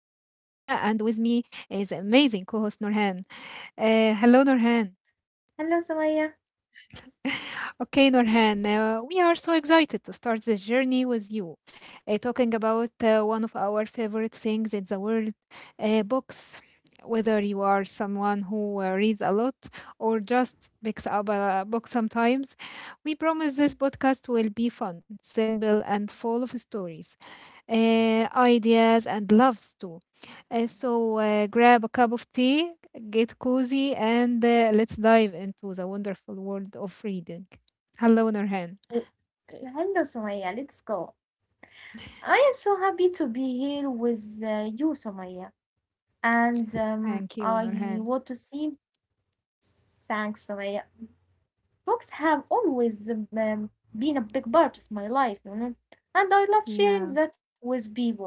and with me is amazing co host Norhan. Hello, Norhan. Hello, Sumaya. Okay, Norhan, we are so excited to start this journey with you, talking about one of our favorite things in the world, books. Whether you are someone who reads a lot or just picks up a book sometimes, we promise this podcast will be fun, simple, and full of stories, ideas and loves too. So grab a cup of tea, get cozy, and let's dive into the wonderful world of reading. Hello, Nurhan. Oh, Hello, Sumaya. Let's go. I am so happy to be here with you, Sumaya. And Thank you, I Nurhan. want to say thanks, Sumaya. Books have always been a big part of my life, you know, and I love Yeah. sharing that with people.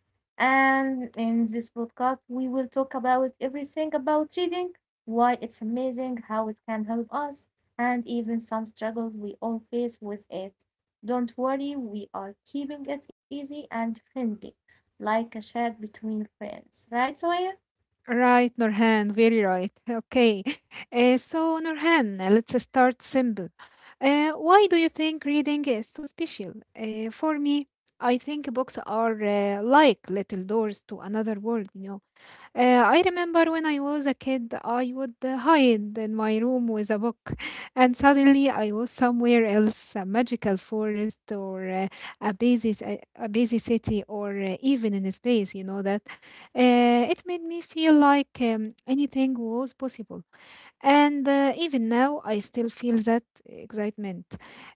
And in this podcast, we will talk about everything about reading, why it's amazing, how it can help us, and even some struggles we all face with it. Don't worry, we are keeping it easy and friendly, like a chat between friends. Right, Soya? Right, Nurhan, very right. Okay. So, Nurhan, let's start simple. Why do you think reading is so special? For me, I think books are like little doors to another world, you know. I remember when I was a kid, I would hide in my room with a book, and suddenly I was somewhere else, a magical forest, or a, busy, s- a busy city, or even in space, you know that. It made me feel like anything was possible. And even now, I still feel that excitement.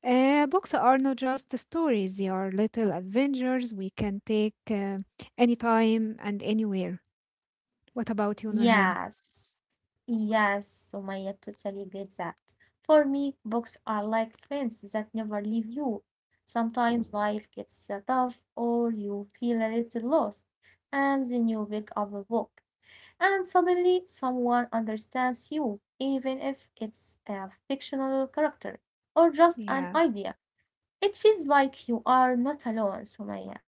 Books are not just stories, they are little adventures we can take anytime and anywhere. What about you, Nurhan? Yes. Yes, Sumaya, totally get that. For me, books are like friends that never leave you. Sometimes life gets tough or you feel a little lost, and then you pick up a book, and suddenly someone understands you, even if it's a fictional character or just an Yeah, idea. It feels like you are not alone, Sumaya.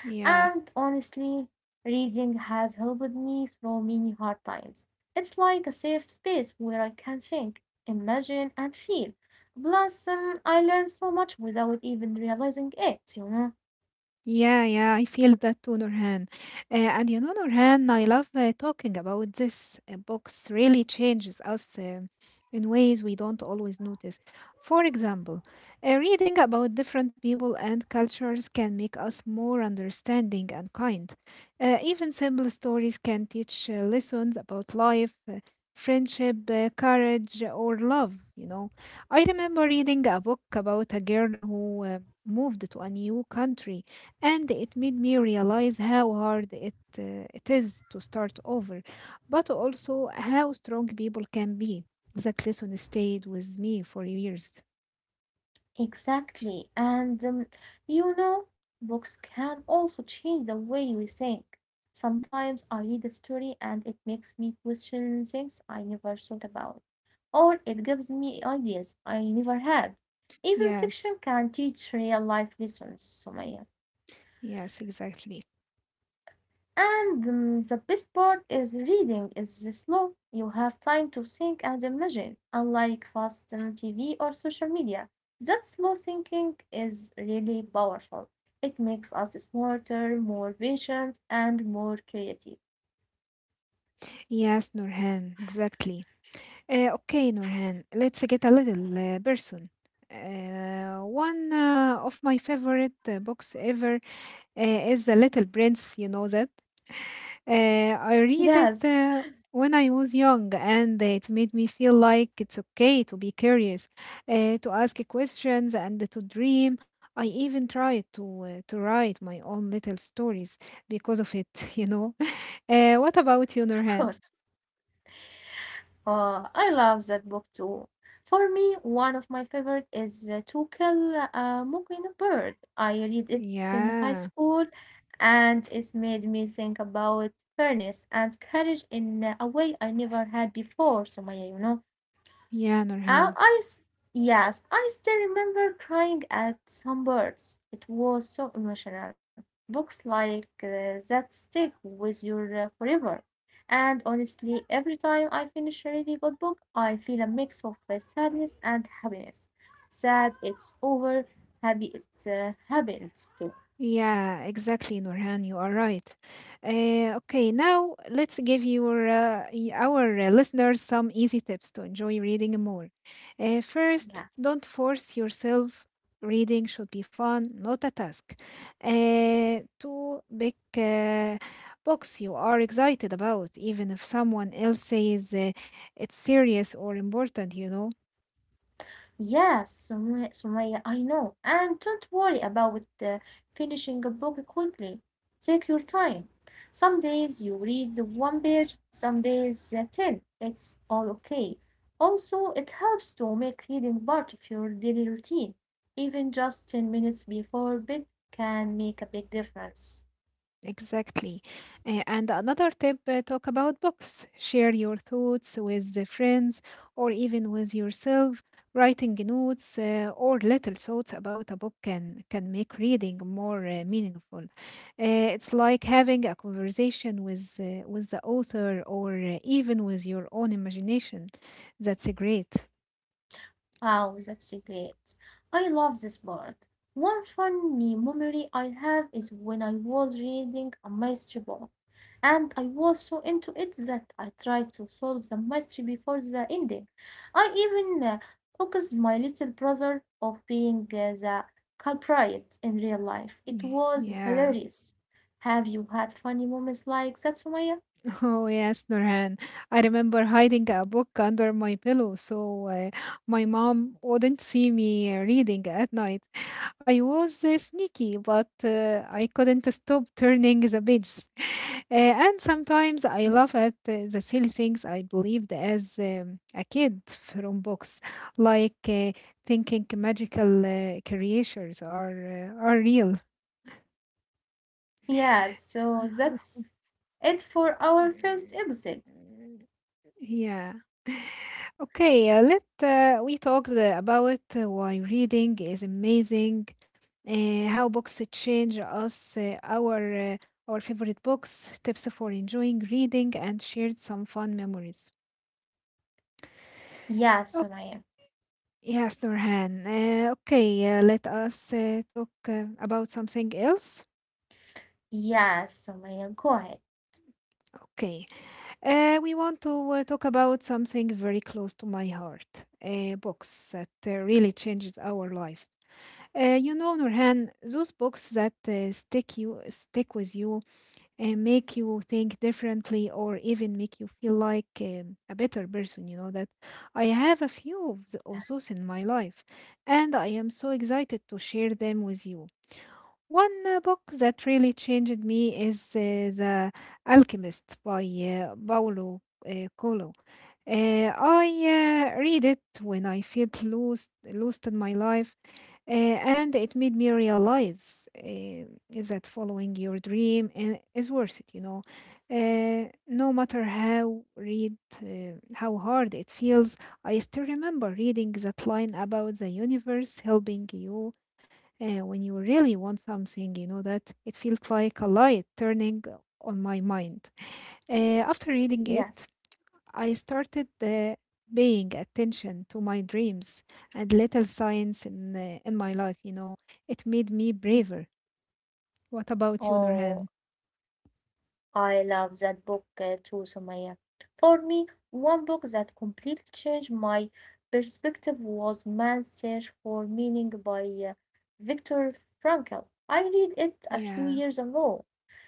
And yeah. honestly, reading has helped me through many hard times. It's like a safe space where I can think, imagine, and feel. Plus, I learn so much without even realizing it, you know? Yeah, yeah, I feel that too, Nurhan. And you know, Nurhan, I love talking about this. Books really changes us in ways we don't always notice. For example, reading about different people and cultures can make us more understanding and kind. Even simple stories can teach lessons about life, friendship, courage, or love, you know. I remember reading a book about a girl who moved to a new country, and it made me realize how hard it is to start over, but also how strong people can be. That lesson stayed with me for years. Exactly. Books can also change the way we think. Sometimes I read a story and it makes me question things I never thought about. Or it gives me ideas I never had. Even fiction Yes. can teach real life lessons, Sumaya. Yes, exactly. And the best part is reading is slow. You have time to think and imagine, unlike fast TV or social media. That slow thinking is really powerful. It makes us smarter, more patient, and more creative. Yes, Nurhan, exactly. Okay, Nurhan, let's get a little person. One of my favorite books ever is The Little Prince, you know that. I Yes, read it when I was young, and it made me feel like it's okay to be curious, to ask questions, and to dream. I even tried to write my own little stories because of it, you know. What of about you, course. Nurhan? Oh, I love that book too. For me, one of my favorite is To Kill a Mockingbird. I read it in high Yeah, school and it made me think about fairness and courage in a way I never had before, Sumaya, you know. yeah, Uh, Nurhan. I s- yes, I still remember crying at some birds. It was so emotional. Books like that stick with you forever. And honestly, every time I finish a really good book, I feel a mix of sadness and happiness. Sad it's over, happy it happens too. Yeah, exactly, Nurhan. You are right. Okay, now let's give our listeners some easy tips to enjoy reading more. First, Yes. don't force yourself. Reading should be fun, not a task. Two, pick books you are excited about, even if someone else says it's serious or important, you know. Yes, Sumaya, I know. And don't worry about finishing a book quickly. Take your time. Some days you read the one page, some days ten. It's all okay. Also, it helps to make reading part of your daily routine. Even just 10 minutes before bed can make a big difference. Exactly. And another tip, talk about books. Share your thoughts with the friends or even with yourself. Writing notes or little thoughts about a book can make reading more meaningful. It's like having a conversation with the author or even with your own imagination. That's great. Wow, that's great. I love this part. One funny memory I have is when I was reading a mystery book, and I was so into it that I tried to solve the mystery before the ending. I even accused my little brother of being the culprit in real life. Y- It was Yeah. hilarious. Have you had funny moments like that, Sumaya? Oh, yes, Nurhan. I remember hiding a book under my pillow so my mom wouldn't see me reading at night. I was sneaky, but I couldn't stop turning the pages. And sometimes I laugh at the silly things I believed as a kid from books, like thinking magical creatures are real. Yeah, so that's it for our first episode. Yeah. Okay, let we talked about why reading is amazing, how books change us, our favorite books, tips for enjoying reading, and shared some fun memories. Yeah, Oh, Sumaya. yes, Nurhan. Okay, let us talk about something else. Yes, Sumaya, go ahead. Okay, we want to talk about something very close to my heart, books that really changes our lives. You know, Nurhan, those books that stick with you and make you think differently, or even make you feel like a better person. You know that I have a few of, th- Yes. of those in my life, and I am so excited to share them with you. One book that really changed me is The Alchemist by Paulo Coelho. Uh, I read it when I felt lost in my life, and it made me realize that following your dream is worth it, you know, no matter how read how hard it feels. I still remember reading that line about the universe helping you when you really want something, you know, that it felt like a light turning on my mind. After Yes. reading it, I started paying attention to my dreams and little signs in my life, you know. It made me Mm. braver. What about you, Oh, Nurhan? I love that book too, Sumaya. For me, one book that completely changed my perspective was Man's Search for Meaning by uh, Viktor Frankl. I read it a few Yeah. years ago,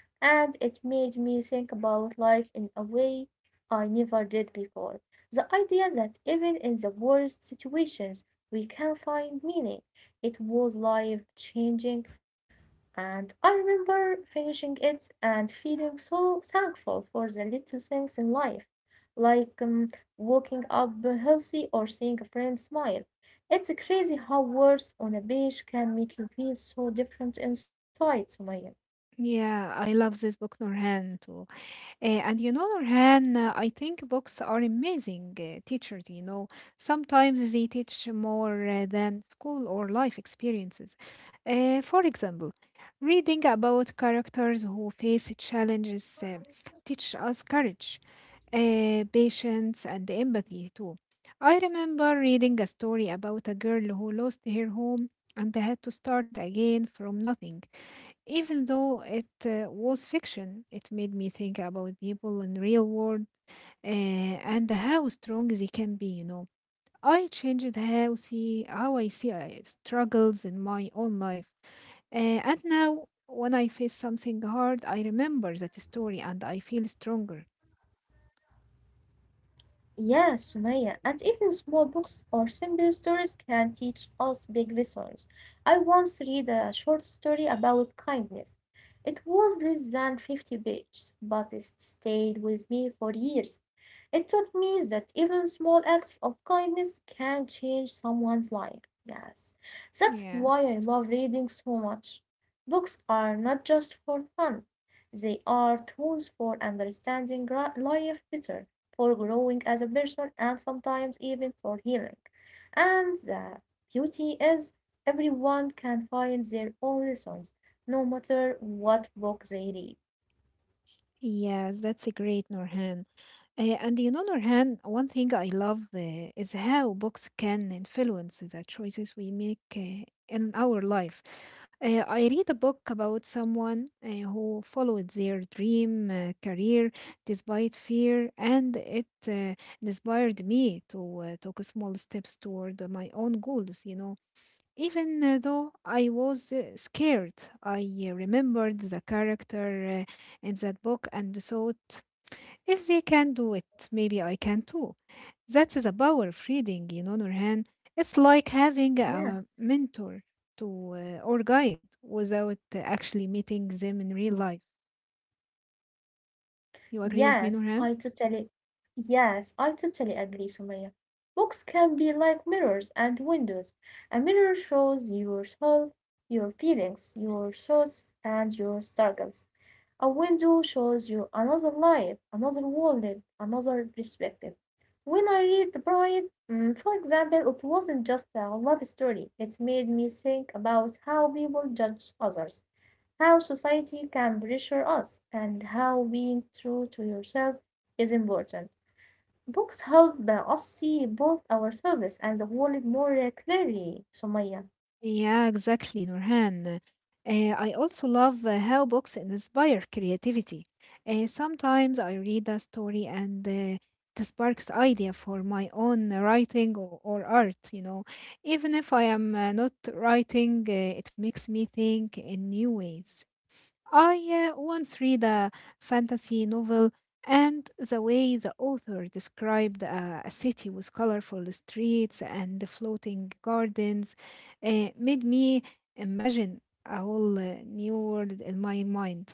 and it made me think about life in a way I never did before. The idea that even in the worst situations we can find meaning. It was life changing, and I remember finishing it and feeling so thankful for the little things in life, like waking up healthy or seeing a friend smile. It's crazy how words on a page can make you feel so different inside, Sumaya. Yeah, I love this book, Nurhan, too. And you know, Nurhan, I think books are amazing teachers, you know. Sometimes they teach more than school or life experiences. For example, reading about characters who face challenges teach us courage, patience, and empathy too. I remember reading a story about a girl who lost her home and had to start again from nothing. Even though it was fiction, it made me think about people in real world, and how strong they can be, you know. I changed how I see struggles in my own life, and now when I face something hard, I remember that story and I feel stronger. Yes, Sumaya, and even small books or simple stories can teach us big lessons. I once read a short story about kindness. It was less than 50 pages, but it stayed with me for years. It taught me that even small acts of kindness can change someone's life. Yes, that's why I Yes, love reading so much. Books are not just for fun, they are tools for understanding life better, for growing as a person, and sometimes even for healing. And the beauty is everyone can find their own lessons, no matter what book they read. yes, that's a great Norhan. And on the other hand, one thing I love is how books can influence the choices we make in our life. I read a book about someone who followed their dream career despite fear, and it inspired me to take small steps toward my own goals, you know. Even though I was scared, I remembered the character in that book and thought, if they can do it, maybe I can too. That's the power of reading, you know, Nurhan. It's like having a Yes, mentor to or guide without actually meeting them in real life. You agree with me, yes, Nurhan? I totally, yes, I totally agree, Sumaya. Books can be like mirrors and windows. A mirror shows your soul, your feelings, your thoughts, and your struggles. A window shows you another life, another world, another perspective. When I read The Bride, for example, it wasn't just a love story. It made me think about how people judge others, how society can pressure us, and how being true to yourself is important. Books help us see both ourselves and the world more clearly, Sumaya. Yeah, exactly, Nurhan. Uh, I also love how books inspire creativity. Sometimes I read a story and it sparks idea for my own writing or art, you know. Even if I am not writing, it makes me think in new ways. I once read a fantasy novel, and the way the author described a city with colorful streets and floating gardens made me imagine a whole new world in my mind.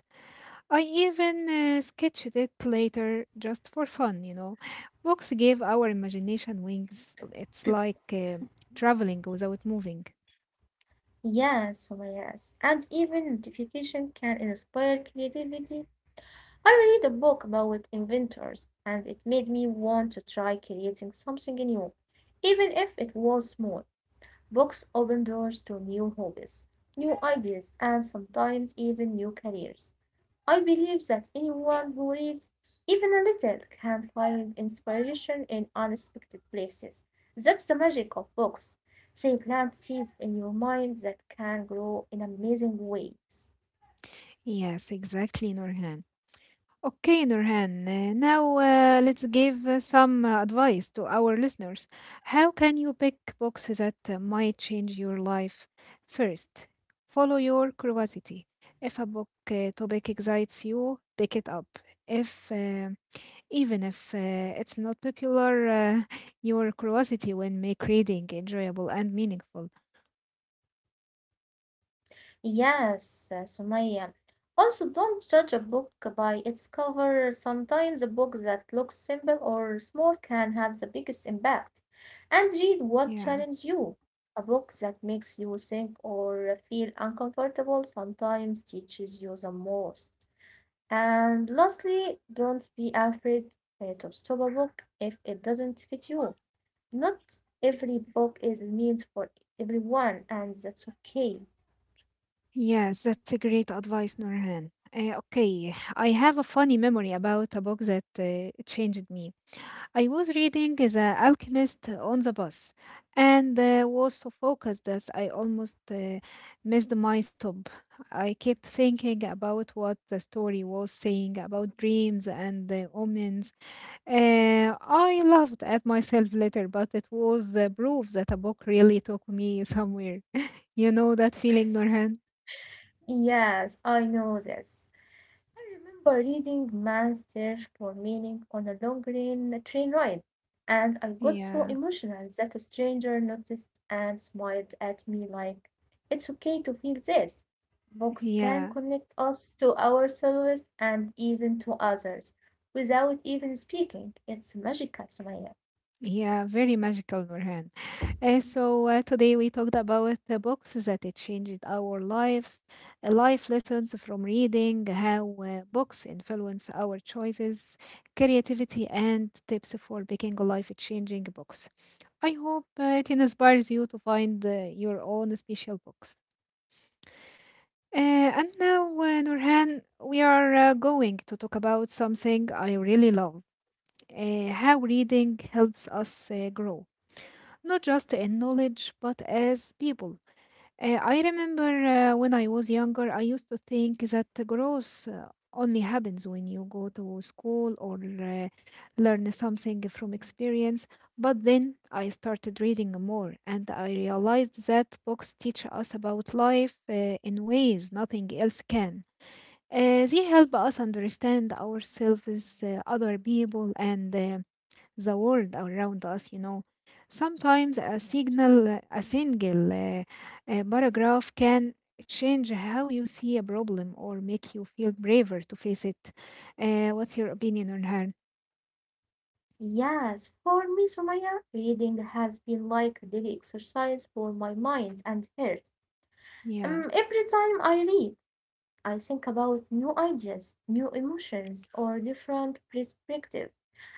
I even sketched it later just for fun, you know. Books gave our imagination wings. It's like traveling without moving. Yes, Sumaya, yes. And even notification can inspire creativity. I read a book about inventors, and it made me want to try creating something new, even if it was small. Books open doors to new hobbies, new ideas, and sometimes even new careers. I believe that anyone who reads even a little can find inspiration in unexpected places. That's the magic of books. They plant seeds in your mind that can grow in amazing ways. Yes, exactly, Norhan. Okay, Nurhan. Now let's give some advice to our listeners. How can you pick books that might change your life? First, follow your curiosity. If a book topic excites you, pick it up. If even if it's not popular, your curiosity will make reading enjoyable and meaningful. Yes, Sumaya. Also, don't judge a book by its cover. Sometimes a book that looks simple or small can have the biggest impact. And read what Yeah. challenges you. A book that makes you think or feel uncomfortable sometimes teaches you the most. And lastly, don't be afraid to stop a book if it doesn't fit you. Not every book is meant for everyone, and that's okay. Yes, that's a great advice, Nurhan. Okay, I have a funny memory about a book that changed me. I was reading The Alchemist on the bus and was so focused that I almost missed my stop. I kept thinking about what the story was saying about dreams and the omens. I laughed at myself later, but it was the proof that a book really took me somewhere. You know that feeling, Nurhan? Yes, I know this. I remember reading Man's Search for Meaning on a long train ride, and I got so Yeah. emotional that a stranger noticed and smiled at me like, it's okay to feel this. Books can Yeah, connect us to ourselves and even to others without even speaking. It's magical, Sumaya. yeah, very magical, Nurhan. So today we talked about the books that it changed our lives, life lessons from reading, how books influence our choices, creativity, and tips for picking life-changing books. I hope it inspires you to find your own special books. And now, Nurhan, we are going to talk about something I really love, how reading helps us grow, not just in knowledge, but as people. I remember when I was younger, I used to think that growth only happens when you go to school or learn something from experience. But then I started reading more and I realized that books teach us about life in ways nothing else can. They help us understand ourselves, other people, and the world around us, you know. Sometimes a single paragraph can change how you see a problem or make you feel braver to face it. What's your opinion on her? Yes, for me, Sumaya, reading has been like a daily exercise for my mind and heart. Yeah, Every time I read, I think about new ideas, new emotions, or different perspectives.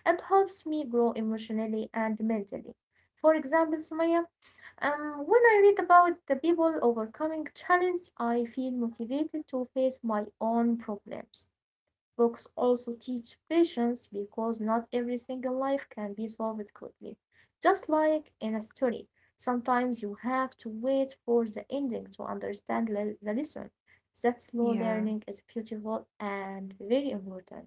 It helps me grow emotionally and mentally. For example, Sumaya, when I read about the people overcoming challenges, I feel motivated to face my own problems. Books also teach patience because not every single life can be solved quickly. Just like in a story, sometimes you have to wait for the ending to understand the lesson. That slow yeah. learning is beautiful and very important.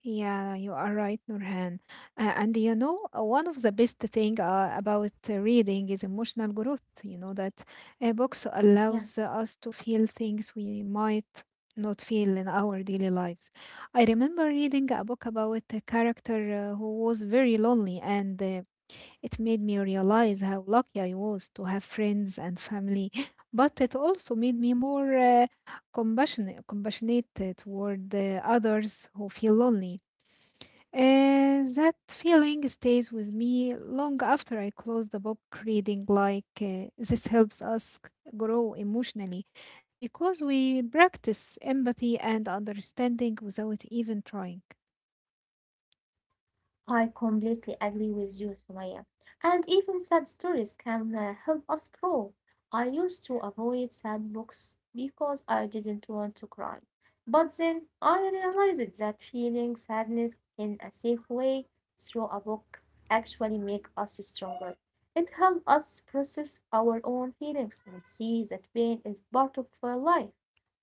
Yeah, you are right, Nurhan. One of the best thing about reading is emotional growth. You know that a books allows Yes. us to feel things we might not feel in our daily lives. I remember reading a book about a character who was very lonely, and it made me realize how lucky I was to have friends and family. But it also made me more compassionate toward others who feel lonely. That feeling stays with me long after I close the book. Reading like this helps us grow emotionally because we practice empathy and understanding without even trying. I completely agree with you, Sumaya. And even sad stories can help us grow. I used to avoid sad books because I didn't want to cry. But then I realized that feeling sadness in a safe way through a book actually make us stronger. It helps us process our own feelings and see that pain is part of life.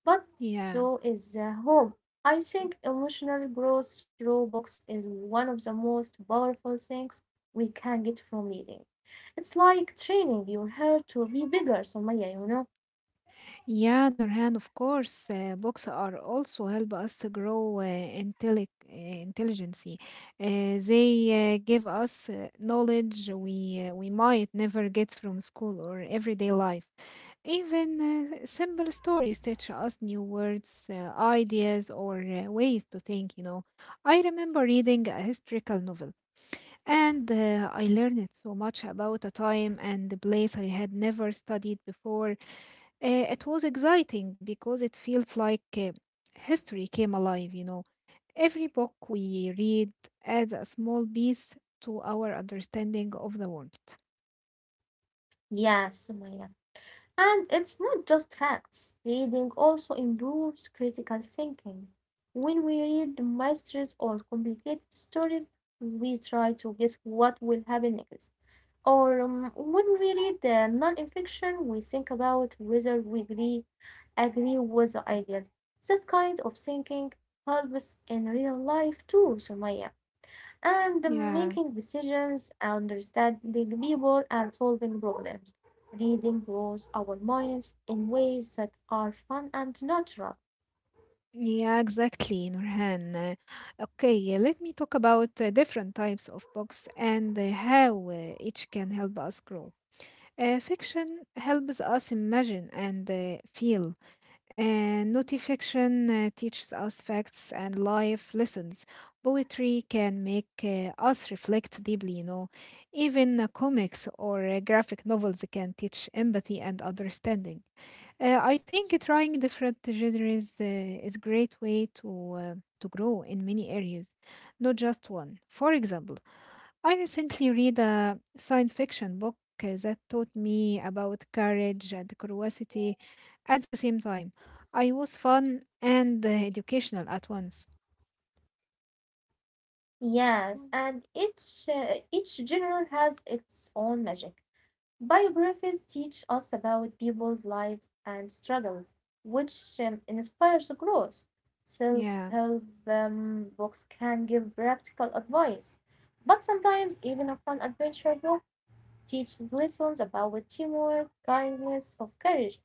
But Yeah. so is the hope. I think emotional growth through books is one of the most powerful things we can get from reading. It's like training your heart to be bigger, Somaya, you know? Yeah, Nurhan, of course, books are also help us to grow intelligence. They give us knowledge we might never get from school or everyday life. Even simple stories teach us new words, ideas, or ways to think, you know. I remember reading a historical novel, and I learned so much about a time and the place I had never studied before. It was exciting because it felt like history came alive, you know. Every book we read adds a small piece to our understanding of the world. Yes, Somaya. And it's not just facts. Reading also improves critical thinking. When we read the mysteries or complicated stories, we try to guess what will happen next. Or when we read the non-fiction, we think about whether agree with the ideas. That kind of thinking helps in real life too, Sumaya. And the making Yeah. decisions, understanding people, and solving problems. Reading grows our minds in ways that are fun and natural. Yeah, exactly, Nurhan. Okay, let me talk about different types of books and how each can help us grow. Fiction helps us imagine and feel. Notifiction teaches us facts and life lessons. Poetry can make us reflect deeply, you know. Even comics or graphic novels can teach empathy and understanding. I think trying different genres is great way to grow in many areas, not just one. For example, I recently read a science fiction book that taught me about courage and curiosity at the same time. I was fun and educational at once. Yes, and each genre has its own magic. Biographies teach us about people's lives and struggles, which inspires growth. Self Yeah. help books can give practical advice, but sometimes even a fun adventure book teaches lessons about teamwork, kindness, or courage.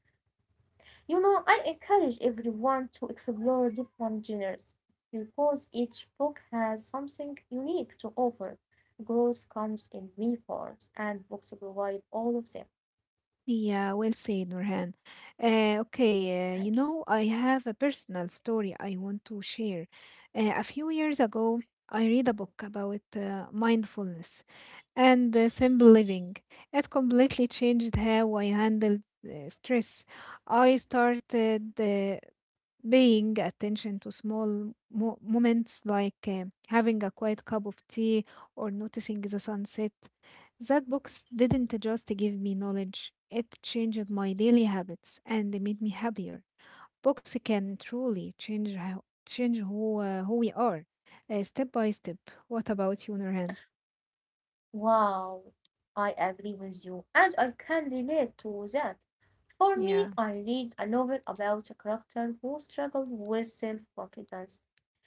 You know, I encourage everyone to explore different genres because each book has something unique to offer. Growth comes in many forms, and books provide all of them. Yeah, well said, Nurhan. Okay, you Thank you. know, I have a personal story I want to share. A few years ago, I read a book about mindfulness and simple living. It completely changed how I handled stress. I started paying attention to small moments like having a quiet cup of tea or noticing the sunset. That box didn't just give me knowledge, it changed my daily habits and made me happier. Books can truly change who we are step by step. What about you, Nurhan? Wow, I agree with you, and I can relate to that. For me, Yeah, I read a novel about a character who struggled with self confidence.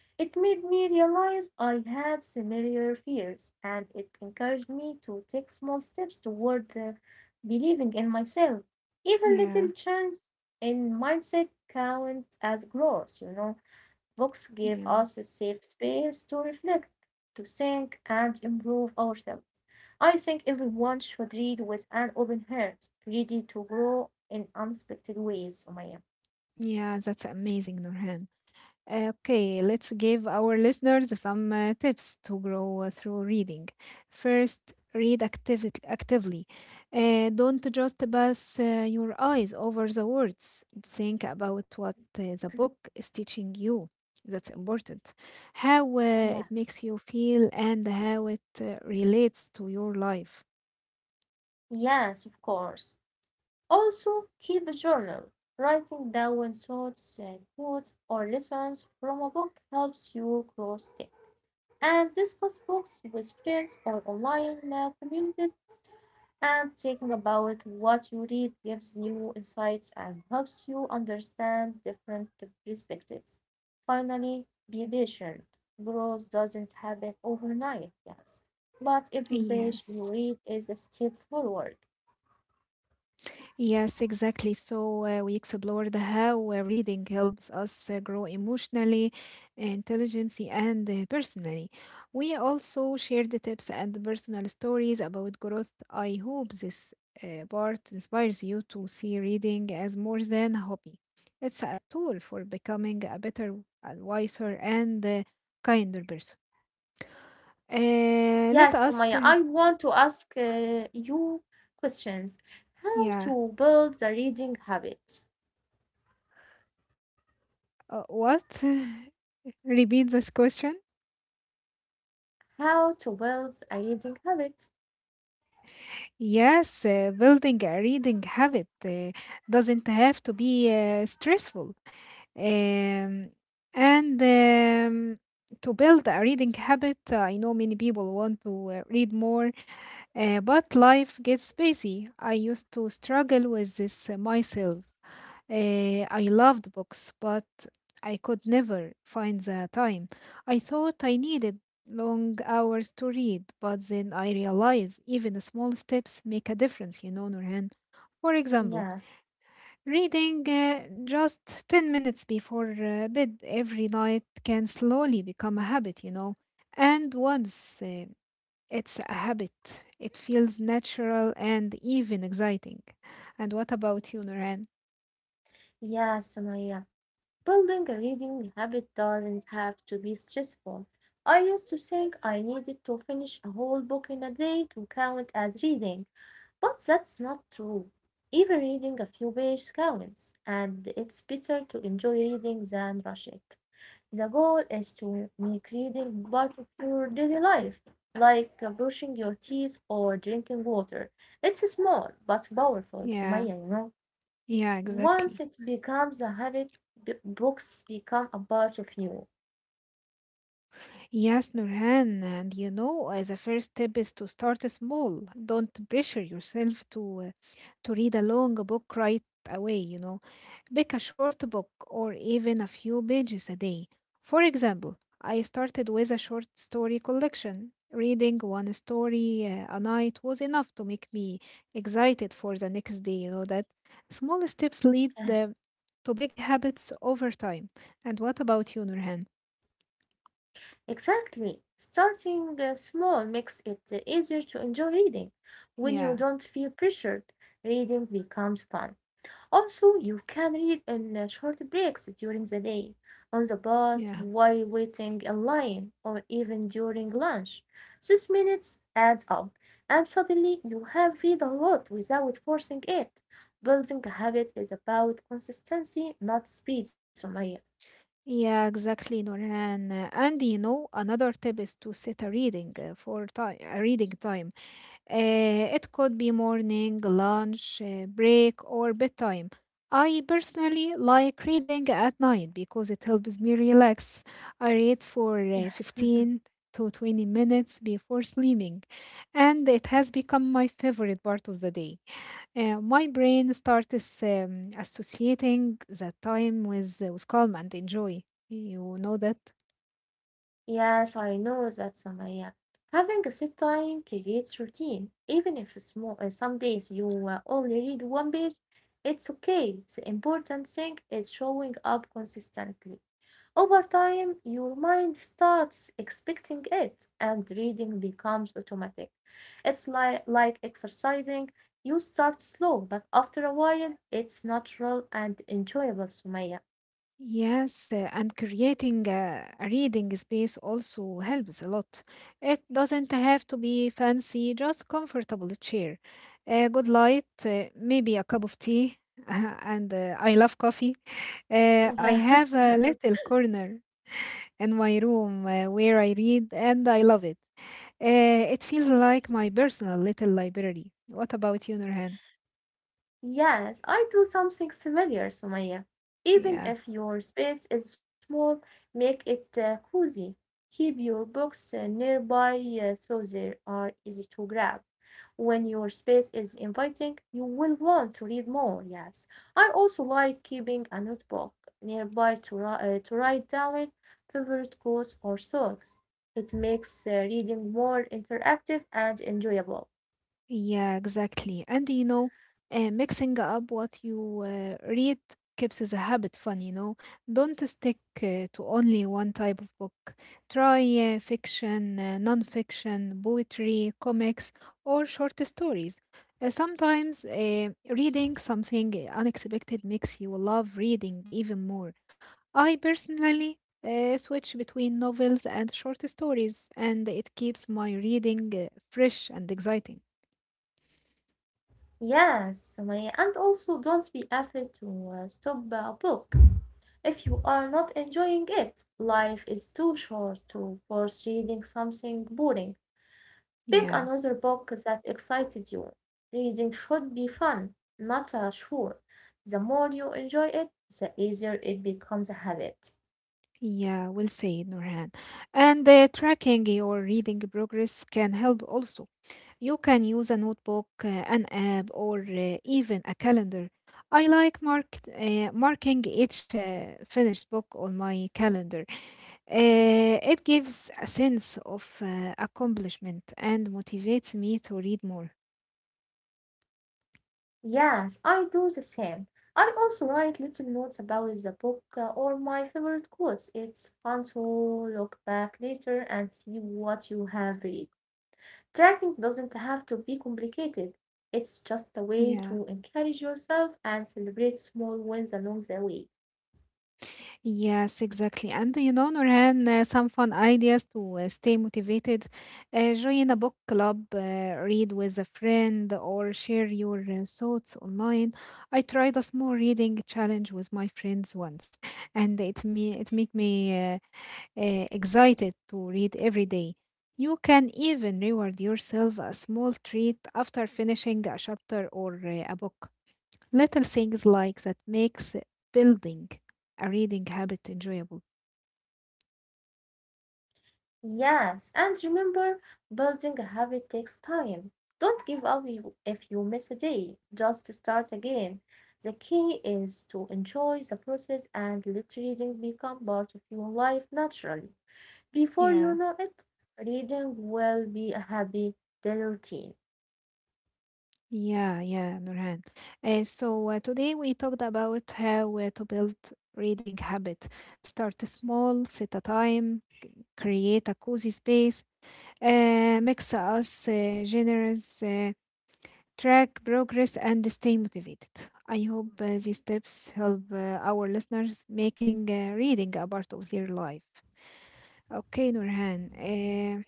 It made me realize I had similar fears, and it encouraged me to take small steps toward believing in myself. Even little yeah, changes in mindset count as growth, you know. Books give yeah, us a safe space to reflect, to think, and improve ourselves. I think everyone should read with an open heart, ready to grow in unexpected ways, Umayya. yeah, that's amazing, Nurhan. Okay, let's give our listeners some tips to grow through reading. First, read actively. Don't just pass your eyes over the words. Think about what the book is teaching you. That's important how it Yes, makes you feel and how it relates to your life. yes, of course. Also, keep a journal. Writing down thoughts and quotes or lessons from a book helps you grow stick. And discuss books with friends or online communities. And thinking about what you read gives new insights and helps you understand different perspectives. Finally, be patient. Growth doesn't happen overnight, yes. But every page you Yes. read is a step forward. Yes, exactly. So we explored how reading helps us grow emotionally, intelligently, and personally. We also shared the tips and personal stories about growth. I hope this part inspires you to see reading as more than a hobby. It's a tool for becoming a better, a wiser, and kinder person. Uh, Yes, let Sumaya, us, I uh, want to ask you questions. How yeah, to build the reading habit? What? Repeat this question. How to build a reading habit? Yes, building a reading habit doesn't have to be stressful. Um, and To build a reading habit, I know many people want to read more, but life gets busy. I used to struggle with this myself. Uh, I loved books, but I could never find the time. I thought I needed long hours to read, but then I realized even small steps make a difference, you know, Nurhan. For example, Yes. reading just 10 minutes before bed every night can slowly become a habit, you know. And once it's a habit, it feels natural and even exciting. And what about you, Nurhan? Yeah, Sumaya. Building a reading habit doesn't have to be stressful. I used to think I needed to finish a whole book in a day to count as reading, but that's not true. Even reading a few pages counts, and it's better to enjoy reading than rush it. The goal is to make reading part of your daily life, like brushing your teeth or drinking water. It's small but powerful, Sumaya, Yeah, you know. yeah, Once Exactly. it becomes a habit, books become a part of you. Yes, Nurhan. And you know, the first step is to start small. Don't pressure yourself to read a long book right away, you know. Pick a short book or even a few pages a day. For example, I started with a short story collection. Reading one story a night was enough to make me excited for the next day. You know that small steps lead Yes, to big habits over time. And what about you, Nurhan? exactly. Starting small makes it easier to enjoy reading. When you Yeah, don't feel pressured, reading becomes fun. Also, you can read in short breaks during the day, on the bus, yeah. while waiting in line, or even during lunch. Those minutes add up, and suddenly you have read a lot without forcing it. Building a habit is about consistency, not speed, Sumaya. Yeah, exactly, Nurhan. And you know, another tip is to set a reading a reading time. It could be morning, lunch, break, or bedtime. I personally like reading at night because it helps me relax. I read for Yes. 15 to 20 minutes before sleeping, and it has become my favorite part of the day. My brain starts associating that time with calm and enjoy. You know that? Yes, I know that, Samaya. Having a set time creates routine. Even if small, some days you only read one page, it's okay. The important thing is showing up consistently. Over time, your mind starts expecting it, and reading becomes automatic. It's like exercising. You start slow, but after a while, it's natural and enjoyable, Sumaya. Yes, and creating a reading space also helps a lot. It doesn't have to be fancy, just comfortable chair, a good light, maybe a cup of tea, and I love coffee. I Yes. have a little corner in my room where I read, and I love it. It feels like my personal little library. What about you, Nurhan? Yes, I do something similar, Sumaya. Even Yeah. if your space is small, make it cozy. Keep your books nearby so they are easy to grab. When your space is inviting, you will want to read more. Yes, I also like keeping a notebook nearby to, to write down favorite quotes or songs. It makes reading more interactive and enjoyable. Yeah, exactly. And you know, mixing up what you read keeps the habit fun, you know. Don't stick to only one type of book. Try fiction, non-fiction, poetry, comics, or short stories. Sometimes reading something unexpected makes you love reading even more. I personally switch between novels and short stories, and it keeps my reading fresh and exciting. Yes, Sumaya, and also don't be afraid to stop a book if you are not enjoying it. Life is too short to force reading something boring. Pick Yeah, another book that excited you. Reading should be fun, not a chore. The more you enjoy it, the easier it becomes a habit. yeah, we'll say, Nurhan. And tracking your reading progress can help also. You can use a notebook, an app, or even a calendar. I like marking each finished book on my calendar. It gives a sense of accomplishment and motivates me to read more. Yes, I do the same. I also write little notes about the book or my favorite quotes. It's fun to look back later and see what you have read. Tracking doesn't have to be complicated. It's just a way Yeah. to encourage yourself and celebrate small wins along the way. Yes, exactly. And you know, Nurhan, some fun ideas to stay motivated. Join a book club, read with a friend, or share your thoughts online. I tried a small reading challenge with my friends once, and it made me excited to read every day. You can even reward yourself a small treat after finishing a chapter or a book. Little things like that makes building a reading habit enjoyable. Yes, and remember, building a habit takes time. Don't give up if you miss a day. Just start again. The key is to enjoy the process and let reading become part of your life naturally. Before you Yeah, know it, reading will be a happy daily routine. yeah, Nurhan. So today we talked about how to build reading habit. Start small, set a time, create a cozy space, mix us genres, track progress and stay motivated. I hope these tips help our listeners making reading a part of their life. Okay, Nurhan,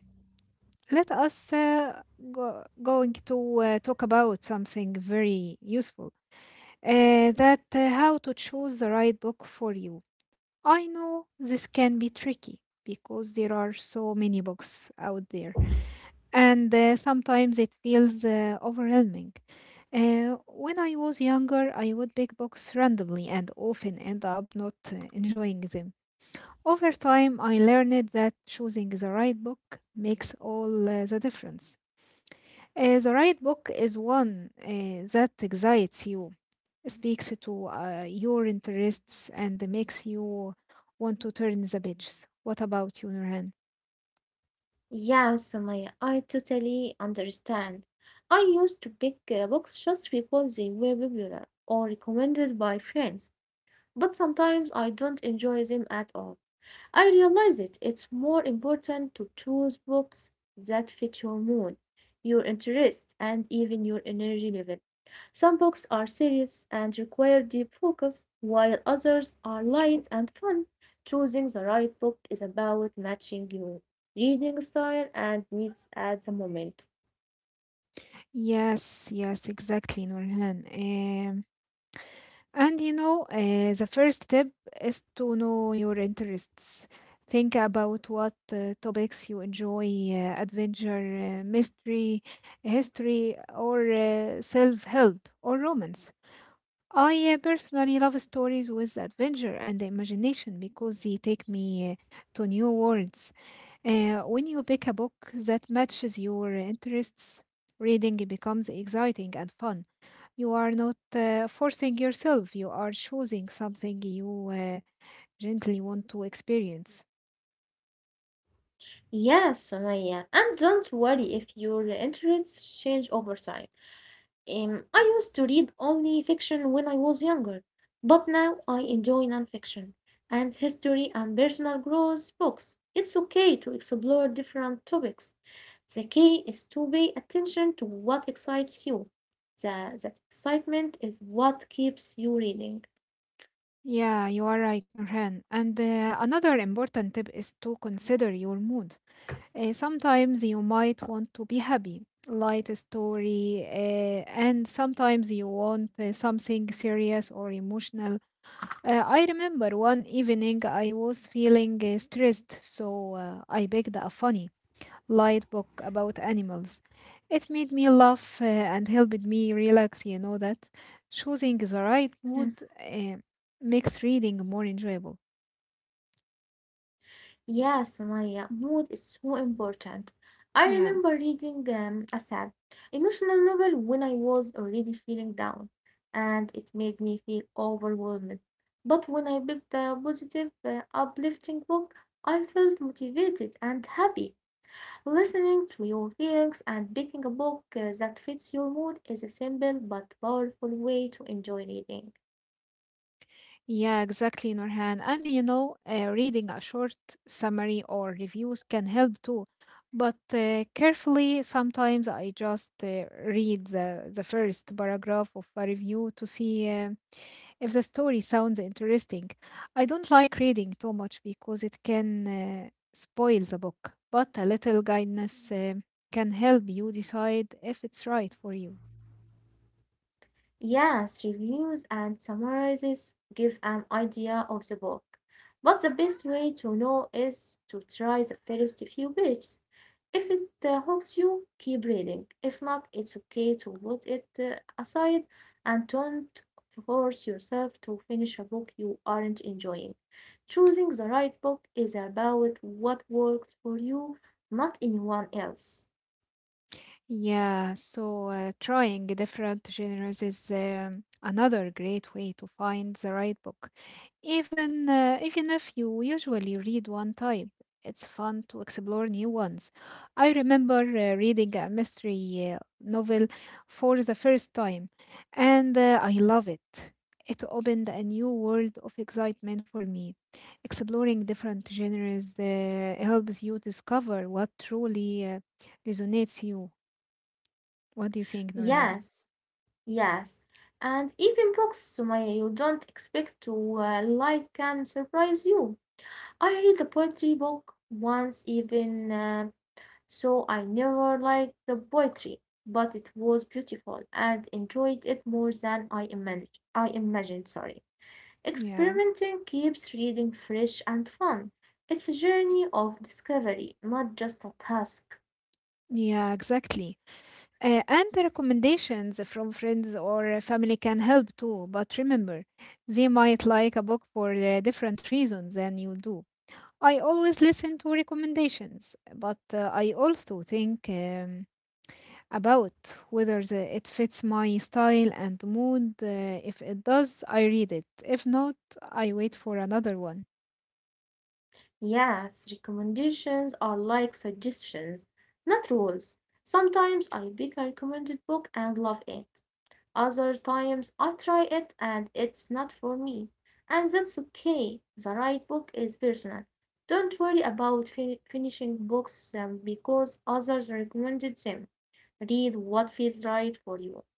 let us uh, going to talk about something very useful. That how to choose the right book for you. I know this can be tricky because there are so many books out there, and sometimes it feels overwhelming. When I was younger, I would pick books randomly and often end up not enjoying them. Over time, I learned that choosing the right book makes all the difference. The right book is one that excites you, speaks to your interests and makes you want to turn the pages. What about you, Nurhan? Yes, Sumaya, I totally understand. I used to pick books just because they were popular or recommended by friends. But sometimes I don't enjoy them at all. I realize it. It's more important to choose books that fit your mood, your interests, and even your energy level. Some books are serious and require deep focus, while others are light and fun. Choosing the right book is about matching your reading style and needs at the moment. Yes, exactly, Nurhan. The first tip is to know your interests. Think about what topics you enjoy, adventure, mystery, history, or self help or romance. I personally love stories with adventure and imagination because they take me to new worlds. When you pick a book that matches your interests, reading becomes exciting and fun. You are not forcing yourself, you are choosing something you gently want to experience. Yes, Sumaya, and don't worry if your interests change over time. I used to read only fiction when I was younger, but now I enjoy nonfiction and history and personal growth books. It's okay to explore different topics. The key is to pay attention to what excites you. That excitement is what keeps you reading. Yeah, you are right, Nurhan. And another important tip is to consider your mood. Sometimes you might want to be happy, light story, and sometimes you want something serious or emotional. I remember one evening I was feeling stressed, so I picked a funny, light book about animals. It made me laugh and helped me relax, you know that. Choosing the right mood Yes. uh, makes reading more enjoyable. Yes, Maya, mood is so important. I remember Yeah. reading a sad, emotional novel when I was already feeling down, and it made me feel overwhelmed. But when I picked a positive, uplifting book, I felt motivated and happy. Listening to your feelings and picking a book that fits your mood is a simple but powerful way to enjoy reading. Yeah, exactly, Nurhan. And you know, reading a short summary or reviews can help too. But carefully, sometimes I just read the first paragraph of a review to see if the story sounds interesting. I don't like reading too much because it can spoil the book, but a little guidance can help you decide if it's right for you. Yes, reviews and summaries give an idea of the book. But the best way to know is to try the first few pages. If it hooks you, keep reading. If not, it's okay to put it aside and don't force yourself to finish a book you aren't enjoying. Choosing the right book is about what works for you, not anyone else. Yeah, so trying different genres is another great way to find the right book. Even if you usually read one type, it's fun to explore new ones. I remember reading a mystery novel for the first time, and I love it. It opened a new world of excitement for me. Exploring different genres helps you discover what truly resonates you. What do you think, Nurhan? Yes. Yes, and even books, Sumaya, you don't expect to like can surprise you. I read a poetry book once, even so I never liked the poetry, but it was beautiful and enjoyed it more than I imagined. I imagined, sorry. Yeah, Experimenting keeps reading fresh and fun. It's a journey of discovery, not just a task. yeah, exactly. And the recommendations from friends or family can help too, but remember, they might like a book for different reasons than you do. I always listen to recommendations, but I also think about whether it fits my style and mood. If it does, I read it. If not, I wait for another one. Yes, recommendations are like suggestions, not rules. Sometimes I pick a recommended book and love it. Other times I try it and it's not for me. And that's okay. The right book is personal. Don't worry about finishing books because others recommended them. Read what feels right for you.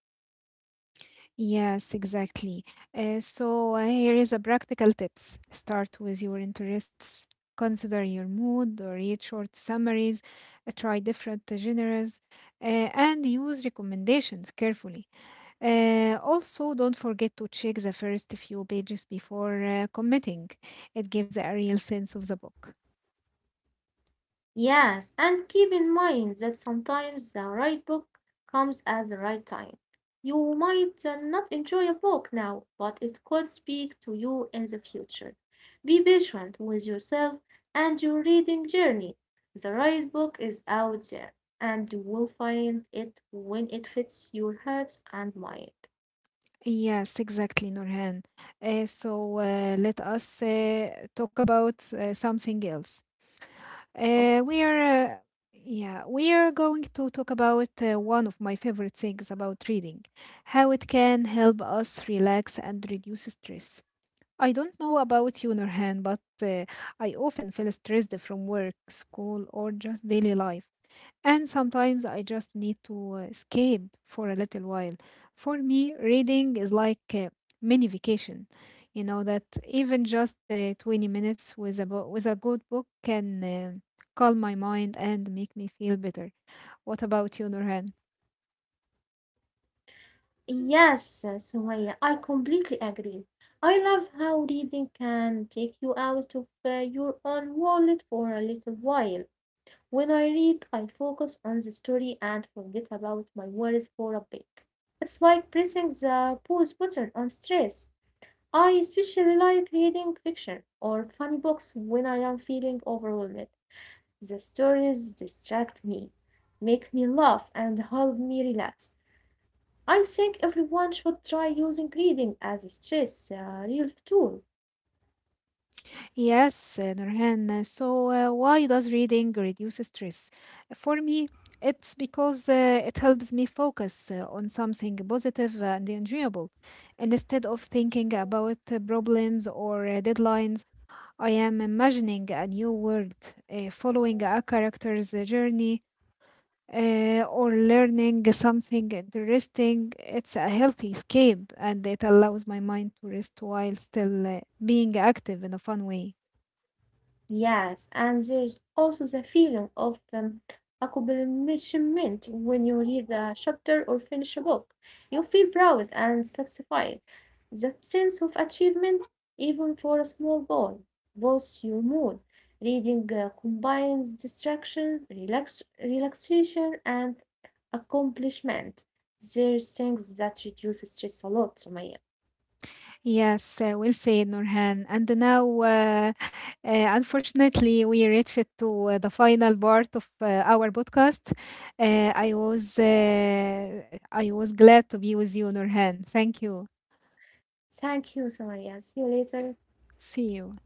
Yes, exactly. Here is a practical tips. Start with your interests. Consider your mood or read short summaries. Try different genres uh, and use recommendations carefully. Also, don't forget to check the first few pages before committing. It gives a real sense of the book. Yes, and keep in mind that sometimes the right book comes at the right time. You might not enjoy a book now, but it could speak to you in the future. Be patient with yourself and your reading journey. The right book is out there, and you will find it when it fits your heart and mind, Yes, exactly, Nurhan. So let us talk about something else. of Uh, we are, course. uh, yeah, we are going to talk about one of my favorite things about reading, how it can help us relax and reduce stress. I don't know about you, Nurhan, but I often feel stressed from work, school, or just daily life. And sometimes I just need to escape for a little while. For me, reading is like a mini vacation. You know that even just 20 minutes with a good book can calm my mind and make me feel better. What about you, Nurhan? Yes, Sumaya, I completely agree. I love how reading can take you out of your own world for a little while. When I read, I focus on the story and forget about my worries for a bit. It's like pressing the pause button on stress. I especially like reading fiction or funny books when I am feeling overwhelmed. The stories distract me, make me laugh, and help me relax. I think everyone should try using reading as a stress relief tool. Yes, why does reading reduce stress? For me, it's because it helps me focus on something positive and enjoyable. Instead of thinking about problems or deadlines, I am imagining a new world, following a character's journey, or learning something interesting. It's a healthy escape, and it allows my mind to rest while still being active in a fun way. Yes, and there's also the feeling of accomplishment when you read a chapter or finish a book. You feel proud and satisfied. That sense of achievement, even for a small goal, boosts your mood. Reading combines distraction, relaxation, and accomplishment. There's things that reduce stress a lot, Sumaya. Yes, well said, Nurhan. And now, unfortunately, we reached to the final part of our podcast. Uh, I was uh, I was glad to be with you, Nurhan. Thank you. Thank you, Sumaya. See you later. See you.